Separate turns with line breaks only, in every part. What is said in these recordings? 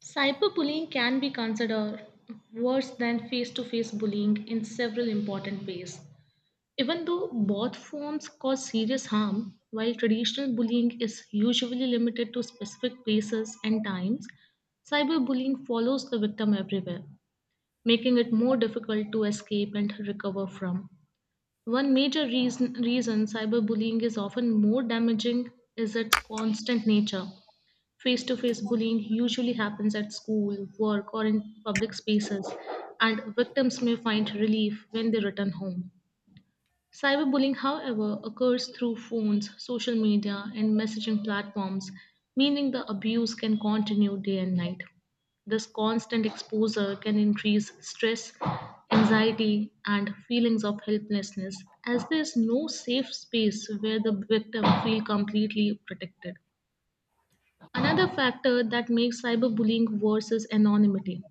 Cyberbullying can be considered worse than face to face bullying in several important ways. Even though both forms cause serious harm, while traditional bullying is usually limited to specific places and times, cyberbullying follows the victim everywhere, making it more difficult to escape and recover from. One major reason cyberbullying is often more damaging is its constant nature. Face to face bullying usually happens at school, work, or in public spaces, and victims may find relief when they return home. Cyberbullying, however, occurs through phones, social media, and messaging platforms, meaning the abuse can continue day and night. This constant exposure can increase stress, anxiety, and feelings of helplessness, as there is no safe space where the victim feels completely protected. Another factor that makes cyberbullying worse is anonymity.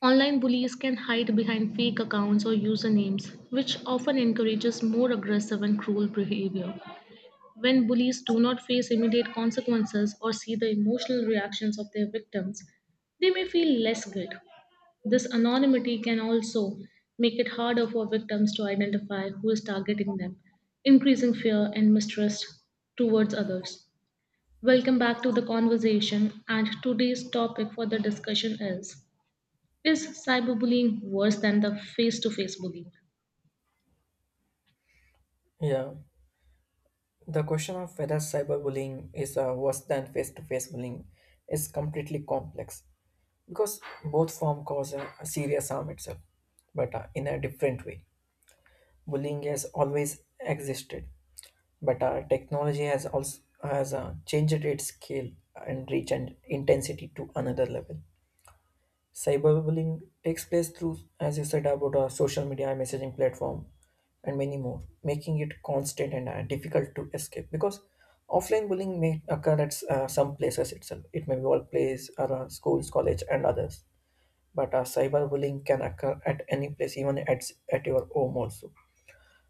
Online bullies can hide behind fake accounts or usernames, which often encourages more aggressive and cruel behavior. When bullies do not face immediate consequences or see the emotional reactions of their victims, they may feel less guilt. This anonymity can also make it harder for victims to identify who is targeting them, increasing fear and mistrust towards others. Welcome back to the conversation. And today's topic for the discussion is cyberbullying worse than the face to face bullying?
Yeah, the question of whether cyberbullying is worse than face-to-face bullying is completely complex because both form cause a serious harm itself, but in a different way. Bullying has always existed, but technology has also has changed its scale and reach and intensity to another level. Cyberbullying takes place through, as you said, about a social media, messaging platform, and many more, making it constant and difficult to escape. Because offline bullying may occur at some places itself. It may be workplace or schools, college, and others. But cyberbullying can occur at any place, even at your home also.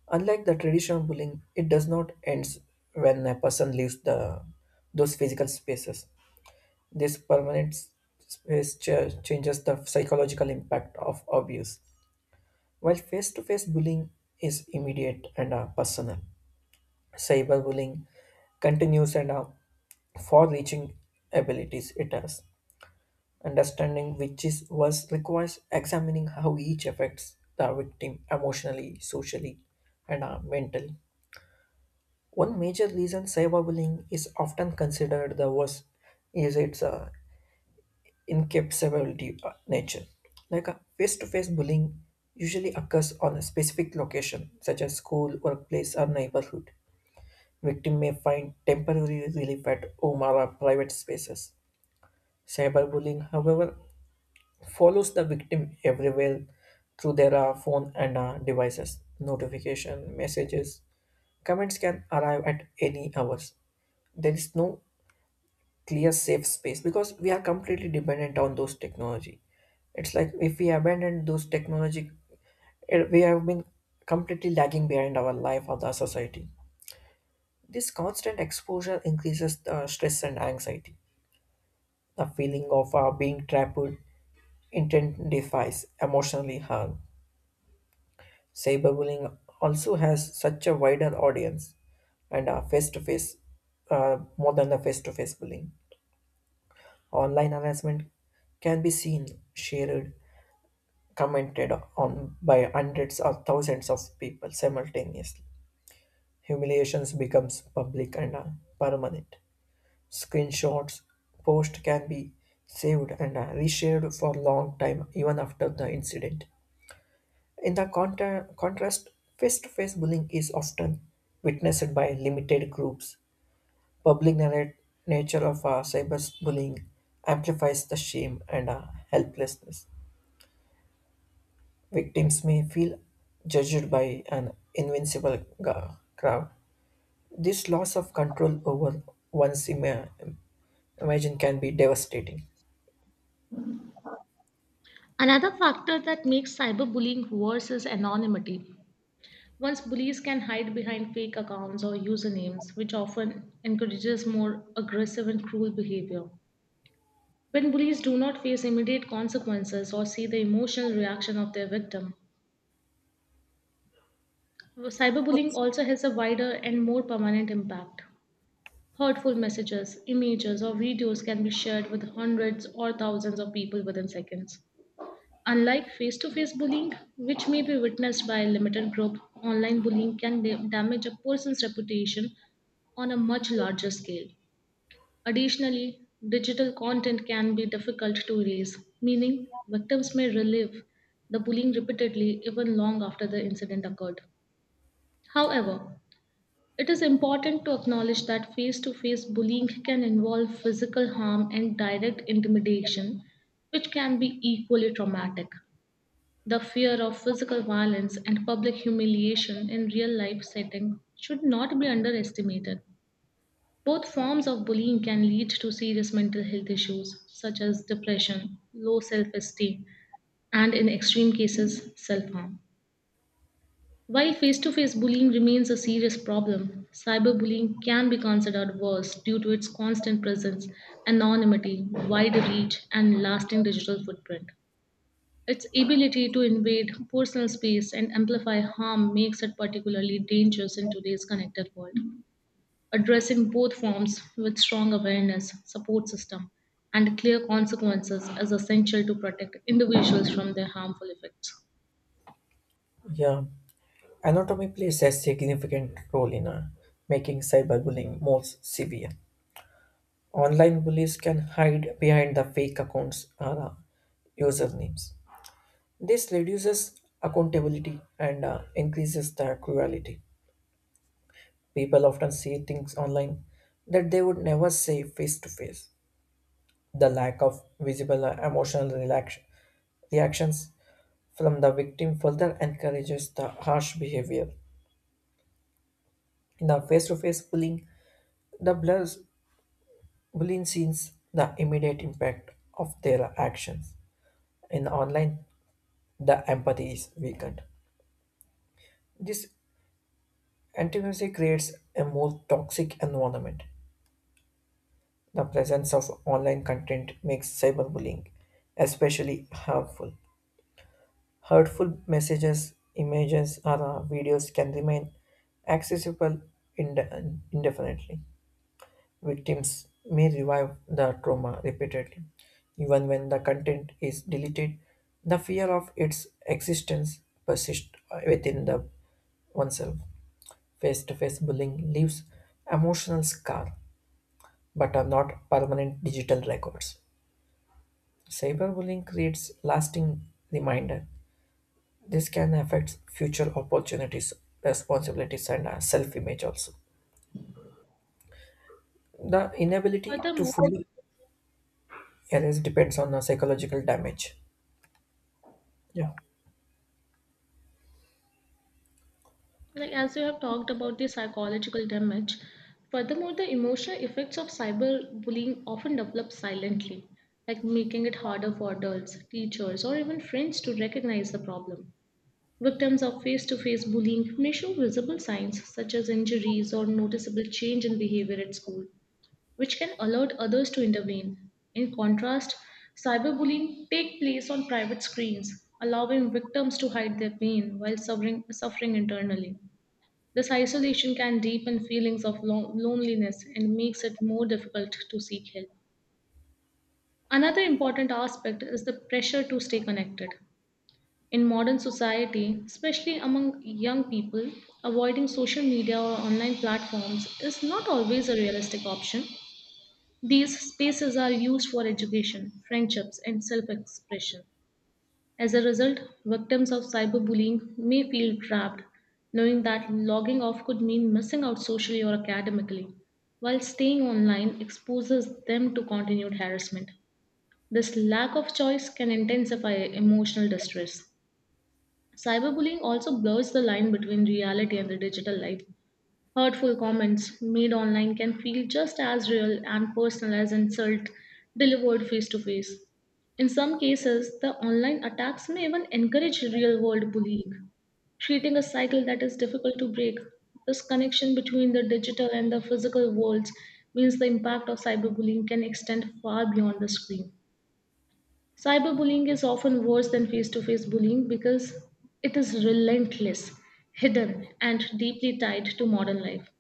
Unlike the traditional bullying, it does not end when a person leaves the those physical spaces. This permanent space changes the psychological impact of abuse. While face to face bullying is immediate and personal, cyberbullying continues and far reaching abilities it has. Understanding which is worse requires examining how each affects the victim emotionally, socially, and mentally. One major reason cyberbullying is often considered the worst is its incapability nature. Like a face-to-face bullying usually occurs on a specific location, such as school, workplace, or neighborhood. Victim may find temporary relief at home or private spaces. Cyberbullying, however, follows the victim everywhere through their phone and devices. Notification, messages, comments can arrive at any hours. There is no clear safe space because we are completely dependent on those technology. It's like if we abandon those technology, we have been completely lagging behind our life or the society. This constant exposure increases the stress and anxiety, the feeling of being trapped intensifies emotionally harm. Cyberbullying also has such a wider audience and face to face more than the face to face bullying. Online harassment can be seen, shared, commented on by hundreds or thousands of people simultaneously. Humiliations becomes public and permanent. Screenshots post can be saved and reshared for long time even after the incident. In the contrast, face-to-face bullying is often witnessed by limited groups. Public narrate nature of cyberbullying amplifies the shame and helplessness. Victims may feel judged by an invincible crowd. This loss of control over one's ima- imagine can be devastating.
Another factor that makes cyberbullying worse is anonymity. Once bullies can hide behind fake accounts or usernames, which often encourages more aggressive and cruel behavior. When bullies do not face immediate consequences or see the emotional reaction of their victim, cyberbullying also has a wider and more permanent impact. Hurtful messages, images, or videos can be shared with hundreds or thousands of people within seconds. Unlike face to face bullying, which may be witnessed by a limited group, online bullying can damage a person's reputation on a much larger scale. Additionally, digital content can be difficult to erase, meaning victims may relive the bullying repeatedly even long after the incident occurred. However, it is important to acknowledge that face to face bullying can involve physical harm and direct intimidation, which can be equally traumatic. The fear of physical violence and public humiliation in real life setting should not be underestimated. Both forms of bullying can lead to serious mental health issues such as depression, low self esteem, and in extreme cases, self harm. While face to face bullying remains a serious problem, cyberbullying can be considered worse due to its constant presence, anonymity, wide reach, and lasting digital footprint. Its ability to invade personal space and amplify harm makes it particularly dangerous in today's connected world. Addressing both forms with strong awareness, support system, and clear consequences is essential to protect individuals from their harmful effects.
Yeah, anatomy plays a significant role in making cyberbullying more severe. Online bullies can hide behind the fake accounts or usernames. This reduces accountability and increases the cruelty. People often see things online that they would never say face to face. The lack of visible emotional reactions from the victim further encourages the harsh behavior. In the face to face bullying, the blurs bullying sees the immediate impact of their actions. In online, the empathy is weakened. This antagonism creates a more toxic environment. The presence of online content makes cyberbullying especially harmful. Hurtful messages, images, or videos can remain accessible indefinitely. Victims may revive the trauma repeatedly. Even when the content is deleted, the fear of its existence persists within the oneself. Face-to-face bullying leaves emotional scar, but are not permanent digital records. Cyberbullying creates lasting reminder. This can affect future opportunities, responsibilities, and self-image also. The inability to
Furthermore,
fully erase depends on the psychological damage. Yeah.
like as you have talked about the psychological damage, furthermore, the emotional effects of cyberbullying often develop silently, like making it harder for adults, teachers, or even friends to recognize the problem. Victims of face to face bullying may show visible signs such as injuries or noticeable change in behavior at school, which can alert others to intervene. In contrast, cyberbullying takes place on private screens, allowing victims to hide their pain while suffering internally. This isolation can deepen feelings of loneliness and makes it more difficult to seek help. Another important aspect is the pressure to stay connected. In modern society, especially among young people, avoiding social media or online platforms is not always a realistic option. These spaces are used for education, friendships, and self expression. As a result, victims of cyberbullying may feel trapped, knowing that logging off could mean missing out socially or academically, while staying online exposes them to continued harassment. This lack of choice can intensify emotional distress. Cyberbullying also blurs the line between reality and the digital life. Hurtful comments made online can feel just as real and personal as insult delivered face to face. In some cases, the online attacks may even encourage real world bullying, creating a cycle that is difficult to break. This connection between the digital and the physical worlds means the impact of cyberbullying can extend far beyond the screen. Cyberbullying is often worse than face to face bullying because it is relentless, hidden, and deeply tied to modern life.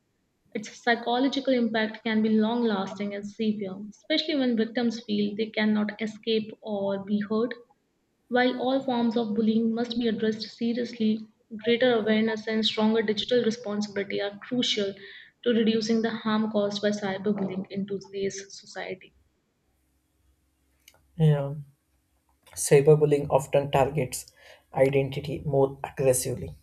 Its psychological impact can be long lasting and severe, especially when victims feel they cannot escape or be heard. While all forms of bullying must be addressed seriously, greater awareness and stronger digital responsibility are crucial to reducing the harm caused by cyberbullying in today's society.
Yeah. Cyberbullying often targets identity more aggressively.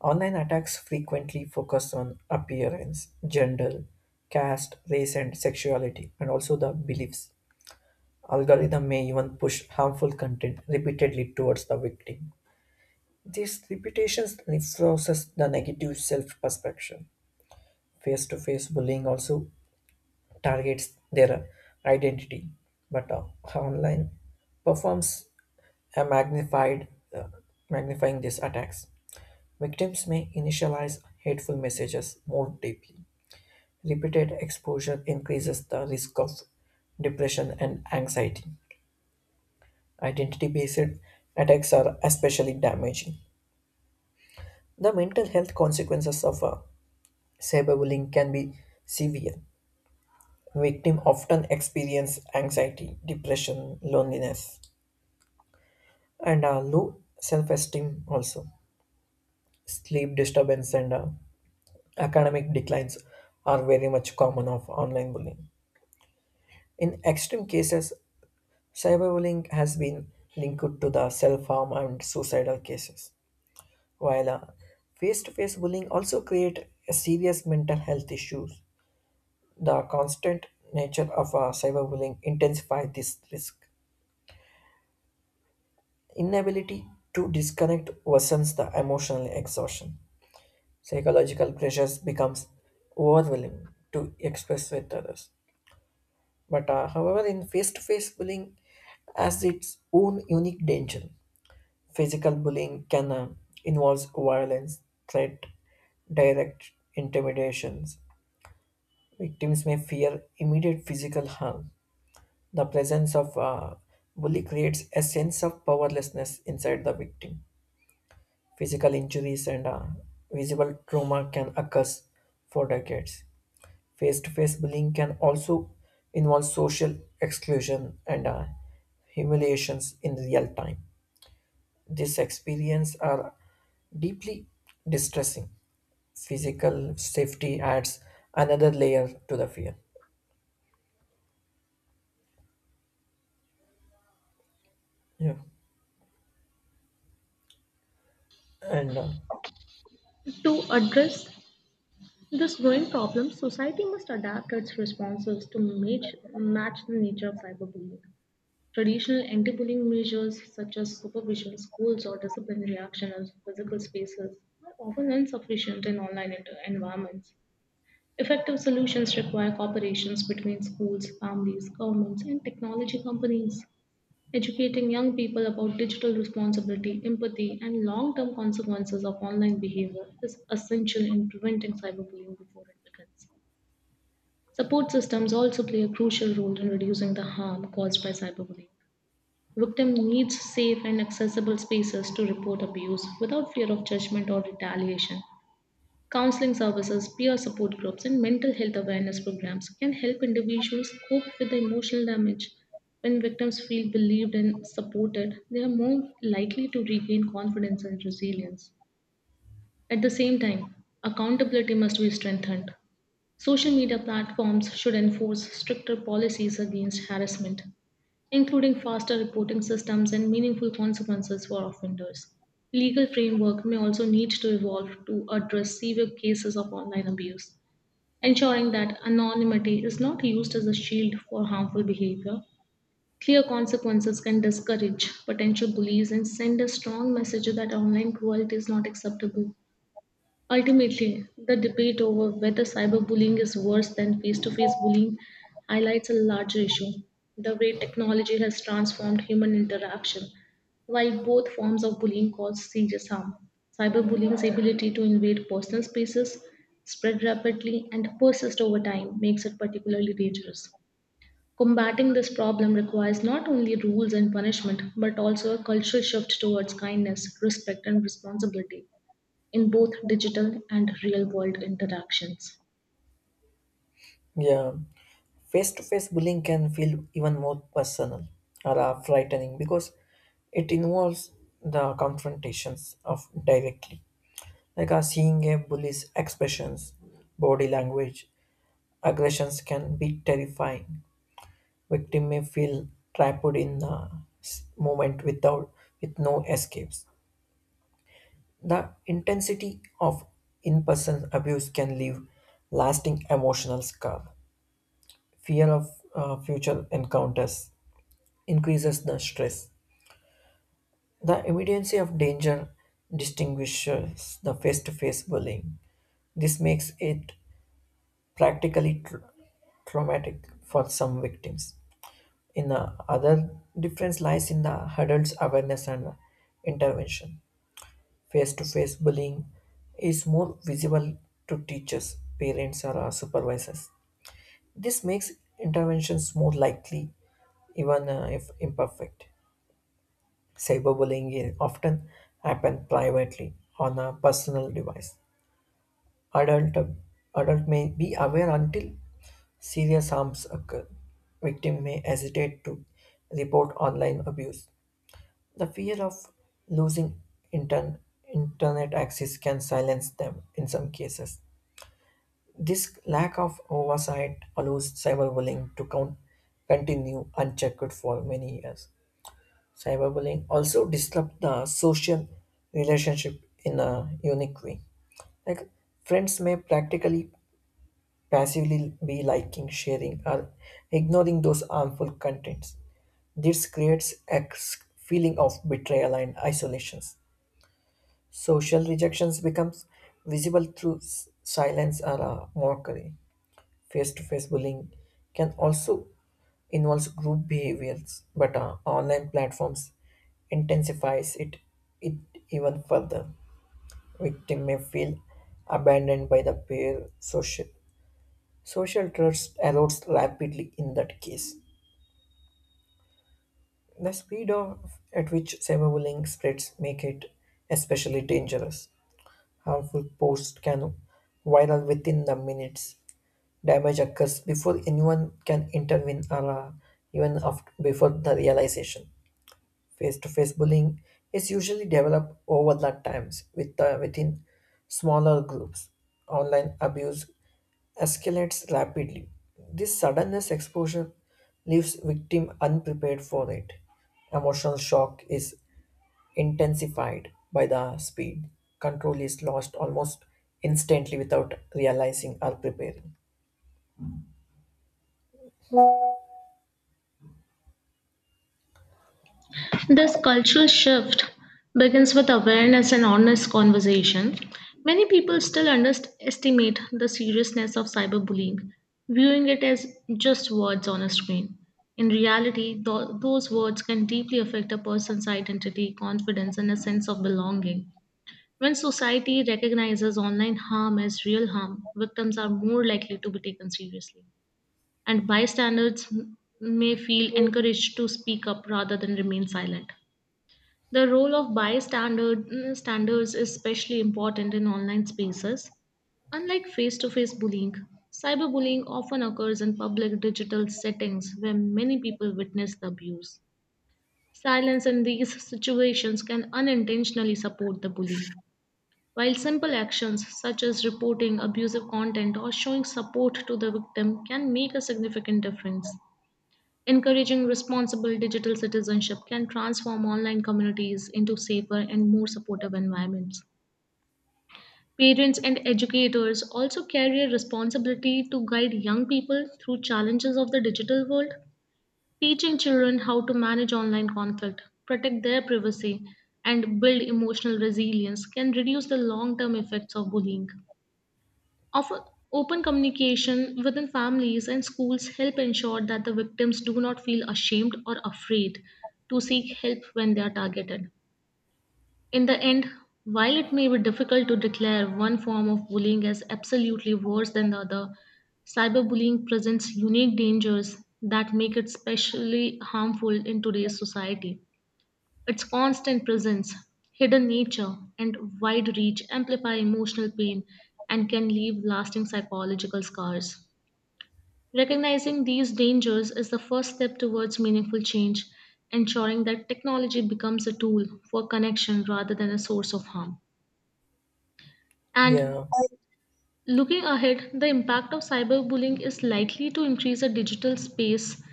Online attacks frequently focus on appearance, gender, caste, race, and sexuality, and also the beliefs. Algorithm may even push harmful content repeatedly towards the victim. These repetition reinforces the negative self perception. Face to face bullying also targets their identity, but online performs a uh, magnifying these attacks. Victims may initialize hateful messages more deeply. Repeated exposure increases the risk of depression and anxiety. Identity based attacks are especially damaging. The mental health consequences of cyberbullying can be severe. Victims often experience anxiety, depression, loneliness, and low self-esteem also. Sleep disturbance and academic declines are very much common of online bullying. In extreme cases, cyberbullying has been linked to the self-harm and suicidal cases, while face-to-face bullying also create a serious mental health issues. The constant nature of cyberbullying intensifies this risk. Inability to disconnect worsens the emotional exhaustion. Psychological pressures becomes overwhelming to express with others. But however, in face-to-face bullying has its own unique danger. Physical bullying can involve violence, threat, direct intimidations. Victims may fear immediate physical harm. The presence of bully creates a sense of powerlessness inside the victim. Physical injuries and visible trauma can occur for decades. Face to face bullying can also involve social exclusion and humiliations in real time. These experiences are deeply distressing. Physical safety adds another layer to the fear. Yeah. And
To address this growing problem, society must adapt its responses to match the nature of cyberbullying. Traditional anti-bullying measures such as supervision, schools, or disciplinary action in physical spaces are often insufficient in online environments. Effective solutions require cooperations between schools, families, governments, and technology companies. Educating young people about digital responsibility, empathy, and long term consequences of online behavior is essential in preventing cyberbullying before it begins. Support systems also play a crucial role in reducing the harm caused by cyberbullying. Victim needs safe and accessible spaces to report abuse without fear of judgment or retaliation. Counseling services, peer support groups, and mental health awareness programs can help individuals cope with the emotional damage. When victims feel believed and supported, they are more likely to regain confidence and resilience. At the same time, accountability must be strengthened. Social media platforms should enforce stricter policies against harassment, including faster reporting systems and meaningful consequences for offenders. Legal framework may also need to evolve to address severe cases of online abuse, ensuring that anonymity is not used as a shield for harmful behavior. Clear consequences can discourage potential bullies and send a strong message that online cruelty is not acceptable. Ultimately, the debate over whether cyberbullying is worse than face to face bullying highlights a larger issue: the way technology has transformed human interaction. While both forms of bullying cause serious harm, cyberbullying's ability to invade personal spaces, spread rapidly, and persist over time makes it particularly dangerous. Combating this problem requires not only rules and punishment, but also a cultural shift towards kindness, respect, and responsibility in both digital and real world interactions.
Yeah, face to face bullying can feel even more personal or frightening because it involves the confrontations of directly. Like seeing a bully's expressions, body language, aggressions can be terrifying. Victim may feel trapped in the moment with no escapes. The intensity of in-person abuse can leave lasting emotional scar. Fear of future encounters increases the stress. The immediacy of danger distinguishes the face to face bullying. This makes it practically traumatic for some victims. In the other difference lies in the adults' awareness and intervention. Face to face bullying is more visible to teachers, parents, or supervisors. This makes interventions more likely, even if imperfect. Cyberbullying often happens privately on a personal device. Adult, adult may be aware until serious harms occur. Victim may hesitate to report online abuse. The fear of losing intern, internet access can silence them in some cases. This lack of oversight allows cyberbullying to continue unchecked for many years. Cyberbullying also disrupt the social relationship in a unique way. Like friends may practically passively be liking, sharing, or ignoring those harmful contents. This creates a feeling of betrayal and isolations. Social rejections becomes visible through silence or mockery. Face-to-face bullying can also involve group behaviors, but online platforms intensifies it even further. Victim may feel abandoned by the peer social. Social trust erodes rapidly in that case. The speed at which cyberbullying spreads make it especially dangerous. Harmful posts can viral within the minutes, damage occurs before anyone can intervene or even before the realization. Face-to-face bullying is usually developed over the times within smaller groups. Online abuse escalates rapidly. This suddenness exposure leaves victim unprepared for it. Emotional shock is intensified by the speed. Control is lost almost instantly without realizing or preparing.
This cultural shift begins with awareness and honest conversation. Many people still underestimate the seriousness of cyberbullying, viewing it as just words on a screen. In reality, those words can deeply affect a person's identity, confidence, and a sense of belonging. When society recognizes online harm as real harm, victims are more likely to be taken seriously, and bystanders may feel encouraged to speak up rather than remain silent. The role of bystanders standards is especially important in online spaces. Unlike face to face bullying, cyberbullying often occurs in public digital settings where many people witness the abuse. Silence in these situations can unintentionally support the bully. While simple actions such as reporting abusive content or showing support to the victim can make a significant difference, encouraging responsible digital citizenship can transform online communities into safer and more supportive environments. Parents and educators also carry a responsibility to guide young people through challenges of the digital world. Teaching children how to manage online conflict, protect their privacy, and build emotional resilience can reduce the long term effects of bullying. Often, open communication within families and schools help ensure that the victims do not feel ashamed or afraid to seek help when they are targeted. In the end, while it may be difficult to declare one form of bullying as absolutely worse than the other, cyberbullying presents unique dangers that make it specially harmful in today's society. Its constant presence, hidden nature, and wide reach amplify emotional pain and can leave lasting psychological scars. Recognizing these dangers is the first step towards meaningful change, ensuring that technology becomes a tool for connection rather than a source of harm.
Yeah.
And looking ahead, the impact of cyberbullying is likely to increase a digital space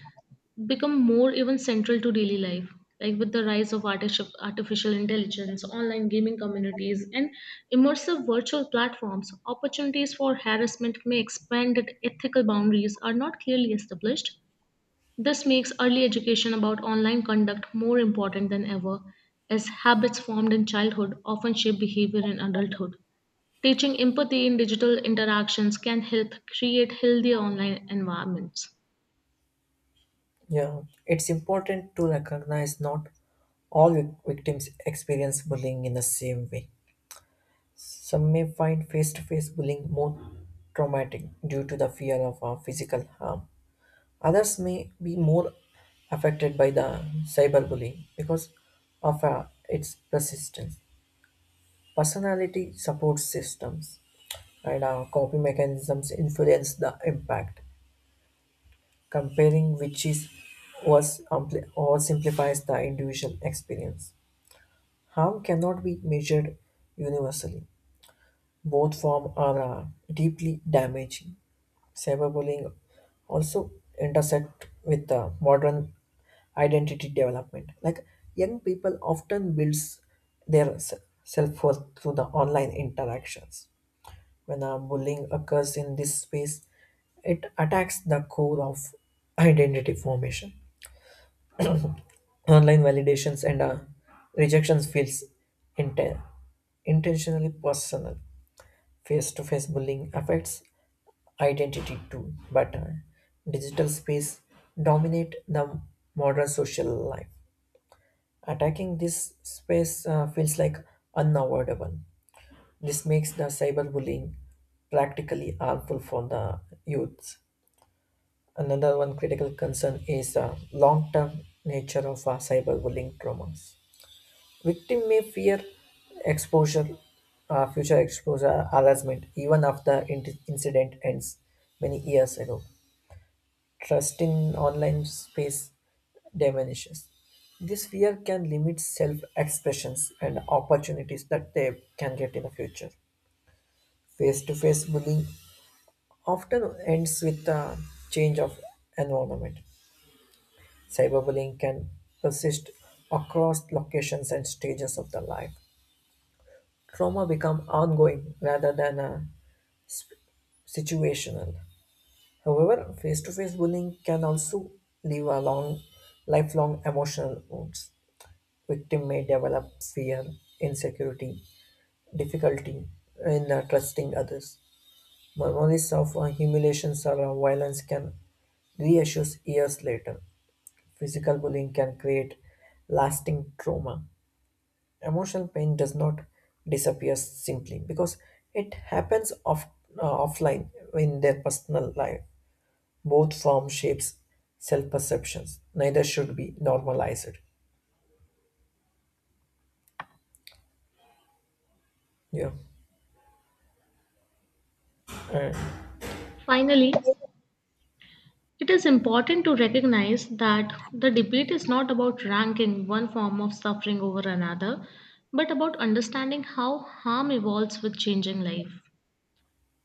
become more even central to daily life, like with the rise of artificial intelligence, online gaming communities, and immersive virtual platforms. Opportunities for harassment may expand that ethical boundaries are not clearly established. This makes early education about online conduct more important than ever, as habits formed in childhood often shape behavior in adulthood. Teaching empathy in digital interactions can help create healthier online environments.
Yeah, it's important to recognize not all victims experience bullying in the same way. Some may find face to face bullying more traumatic due to the fear of physical harm. Others may be more affected by the cyberbullying because of its persistence. Personality support systems and coping mechanisms influence the impact. Comparing which is was ampli- or simplifies the individual experience. Harm cannot be measured universally. Both forms are deeply damaging. Cyberbullying also intersect with the modern identity development. Like young people often builds their self worth through the online interactions. When a bullying occurs in this space, it attacks the core of identity formation. Online validations and rejections feels inten- intentionally personal. Face-to-face bullying affects identity too, but digital space dominate the modern social life, attacking this space feels like unavoidable. This makes the cyberbullying practically harmful for the youths. Another one critical concern is the long-term nature of cyberbullying traumas. Victim may fear exposure, future exposure, harassment, even after incident ends many years ago. Trust in online space diminishes. This fear can limit self-expressions and opportunities that they can get in the future. Face-to-face bullying often ends with a change of environment. Cyberbullying can persist across locations and stages of the life. Trauma become ongoing rather than situational. However, face-to-face bullying can also leave a long, lifelong emotional wounds. Victim may develop fear, insecurity, difficulty in trusting others. Memories of humiliations or violence can reissue years later. Physical bullying can create lasting trauma. Emotional pain does not disappear simply because it happens offline in their personal life. Both form shapes self perceptions. Neither should be normalized. Yeah. Uh,
Finally, it is important to recognize that the debate is not about ranking one form of suffering over another, but about understanding how harm evolves with changing life.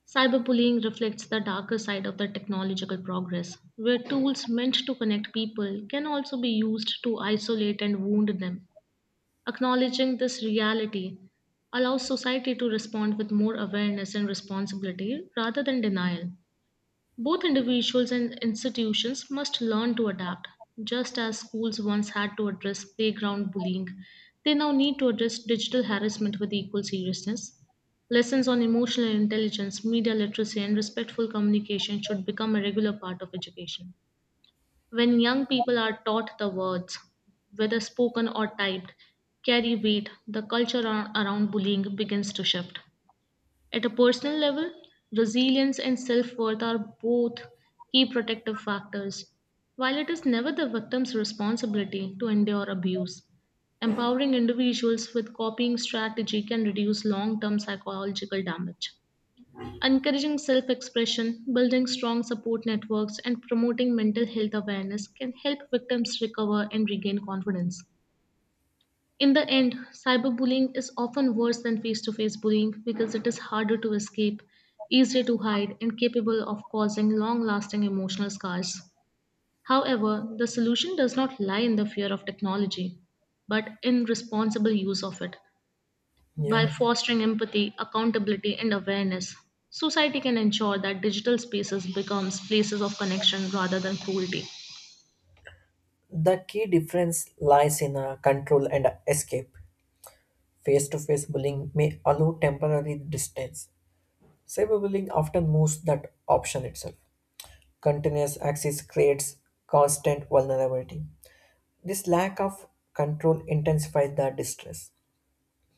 Cyberbullying reflects the darker side of the technological progress, where tools meant to connect people can also be used to isolate and wound them. Acknowledging this reality allows society to respond with more awareness and responsibility rather than denial. Both individuals and institutions must learn to adapt. Just as schools once had to address playground bullying, they now need to address digital harassment with equal seriousness. Lessons on emotional intelligence, media literacy, and respectful communication should become a regular part of education. When young people are taught the words, whether spoken or typed, carry weight, the culture around bullying begins to shift. At a personal level, resilience and self worth are both key protective factors. While it is never the victim's responsibility to endure abuse, empowering individuals with coping strategy can reduce long term psychological damage. Encouraging self expression, building strong support networks, and promoting mental health awareness can help victims recover and regain confidence. In the end, cyberbullying is often worse than face to face bullying because it is harder to escape, easier to hide, and capable of causing long lasting emotional scars. However, the solution does not lie in the fear of technology, but in responsible use of it. By
yeah.
fostering empathy, accountability, and awareness, society can ensure that digital spaces becomes places of connection rather than cruelty.
The key difference lies in control and escape. Face to face bullying may allow temporary distance. Cyberbullying often moves that option itself. Continuous access creates constant vulnerability. This lack of control intensifies the distress.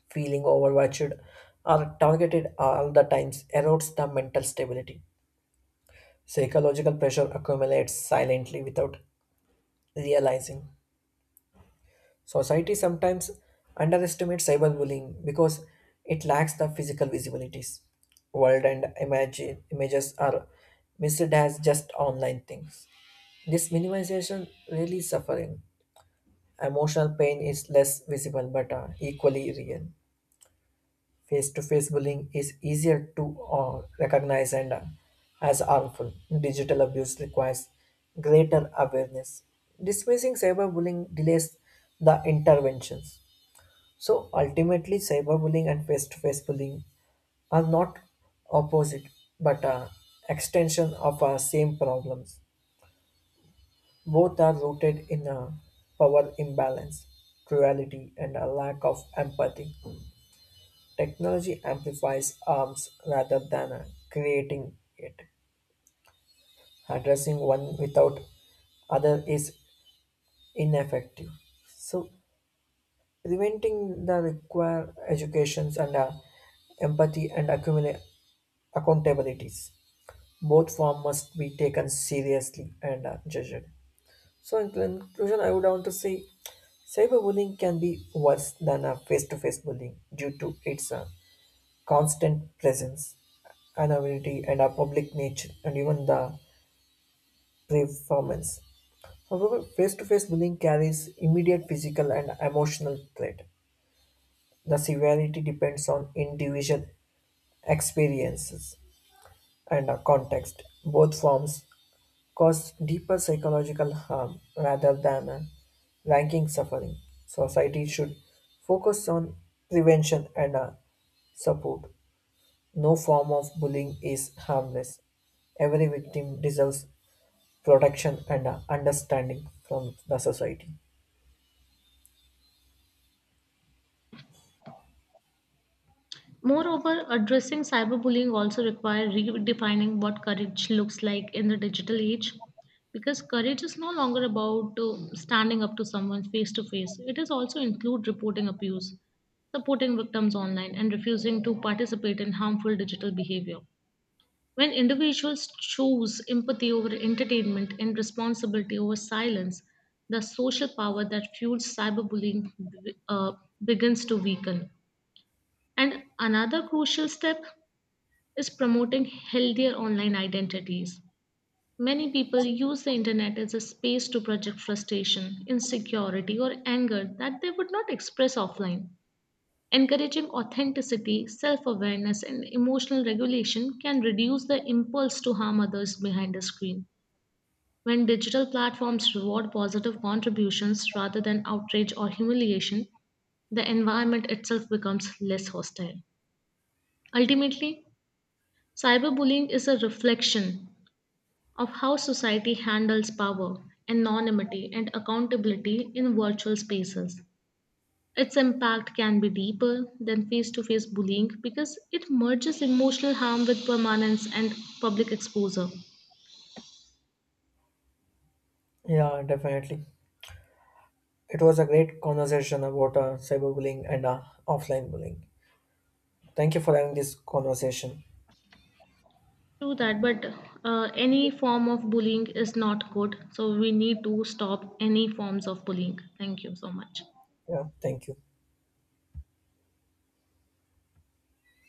Feeling overwatched or targeted all the times erodes the mental stability. Psychological pressure accumulates silently without realizing. Society sometimes underestimates cyberbullying because it lacks the physical visibilities. World and image, images are misread as just online things. This minimization really suffering. Emotional pain is less visible but equally real. Face-to-face bullying is easier to recognize and as harmful. Digital abuse requires greater awareness. Dismissing cyberbullying delays the interventions. So ultimately, cyberbullying and face-to-face bullying are not opposite but extension of our same problems. Both are rooted in a power imbalance, cruelty, and a lack of empathy. Technology amplifies harms rather than creating it. Addressing one without other is ineffective. So preventing the require educations and empathy and accumulate accountabilities. Both form must be taken seriously and judged. So in conclusion, I would want to say cyberbullying can be worse than a face-to-face bullying due to its constant presence, anonymity, and our public nature, and even the performance. However, face to face bullying carries immediate physical and emotional threat. The severity depends on individual experiences and our context. Both forms cause deeper psychological harm rather than a ranking suffering. Society should focus on prevention and support. No form of bullying is harmless. Every victim deserves protection and understanding from the society.
Moreover, addressing cyberbullying also requires redefining what courage looks like in the digital age, because courage is no longer about standing up to someone face to face. It is also include reporting abuse, supporting victims online, and refusing to participate in harmful digital behavior. When individuals choose empathy over entertainment and responsibility over silence, the social power that fuels cyberbullying uh, begins to weaken. And another crucial step is promoting healthier online identities. Many people use the internet as a space to project frustration, insecurity, or anger that they would not express offline. Encouraging authenticity, self awareness, and emotional regulation can reduce the impulse to harm others behind a screen. When digital platforms reward positive contributions rather than outrage or humiliation, the environment itself becomes less hostile. Ultimately, cyberbullying is a reflection of how society handles power, anonymity, and accountability in virtual spaces. Its impact can be deeper than face to face bullying because it merges emotional harm with permanence and public exposure.
Yeah, definitely. It was a great conversation about cyberbullying and offline bullying. Thank you for having this conversation.
True that, but any form of bullying is not good, so we need to stop any forms of bullying. Thank you so much.
Yeah, thank you.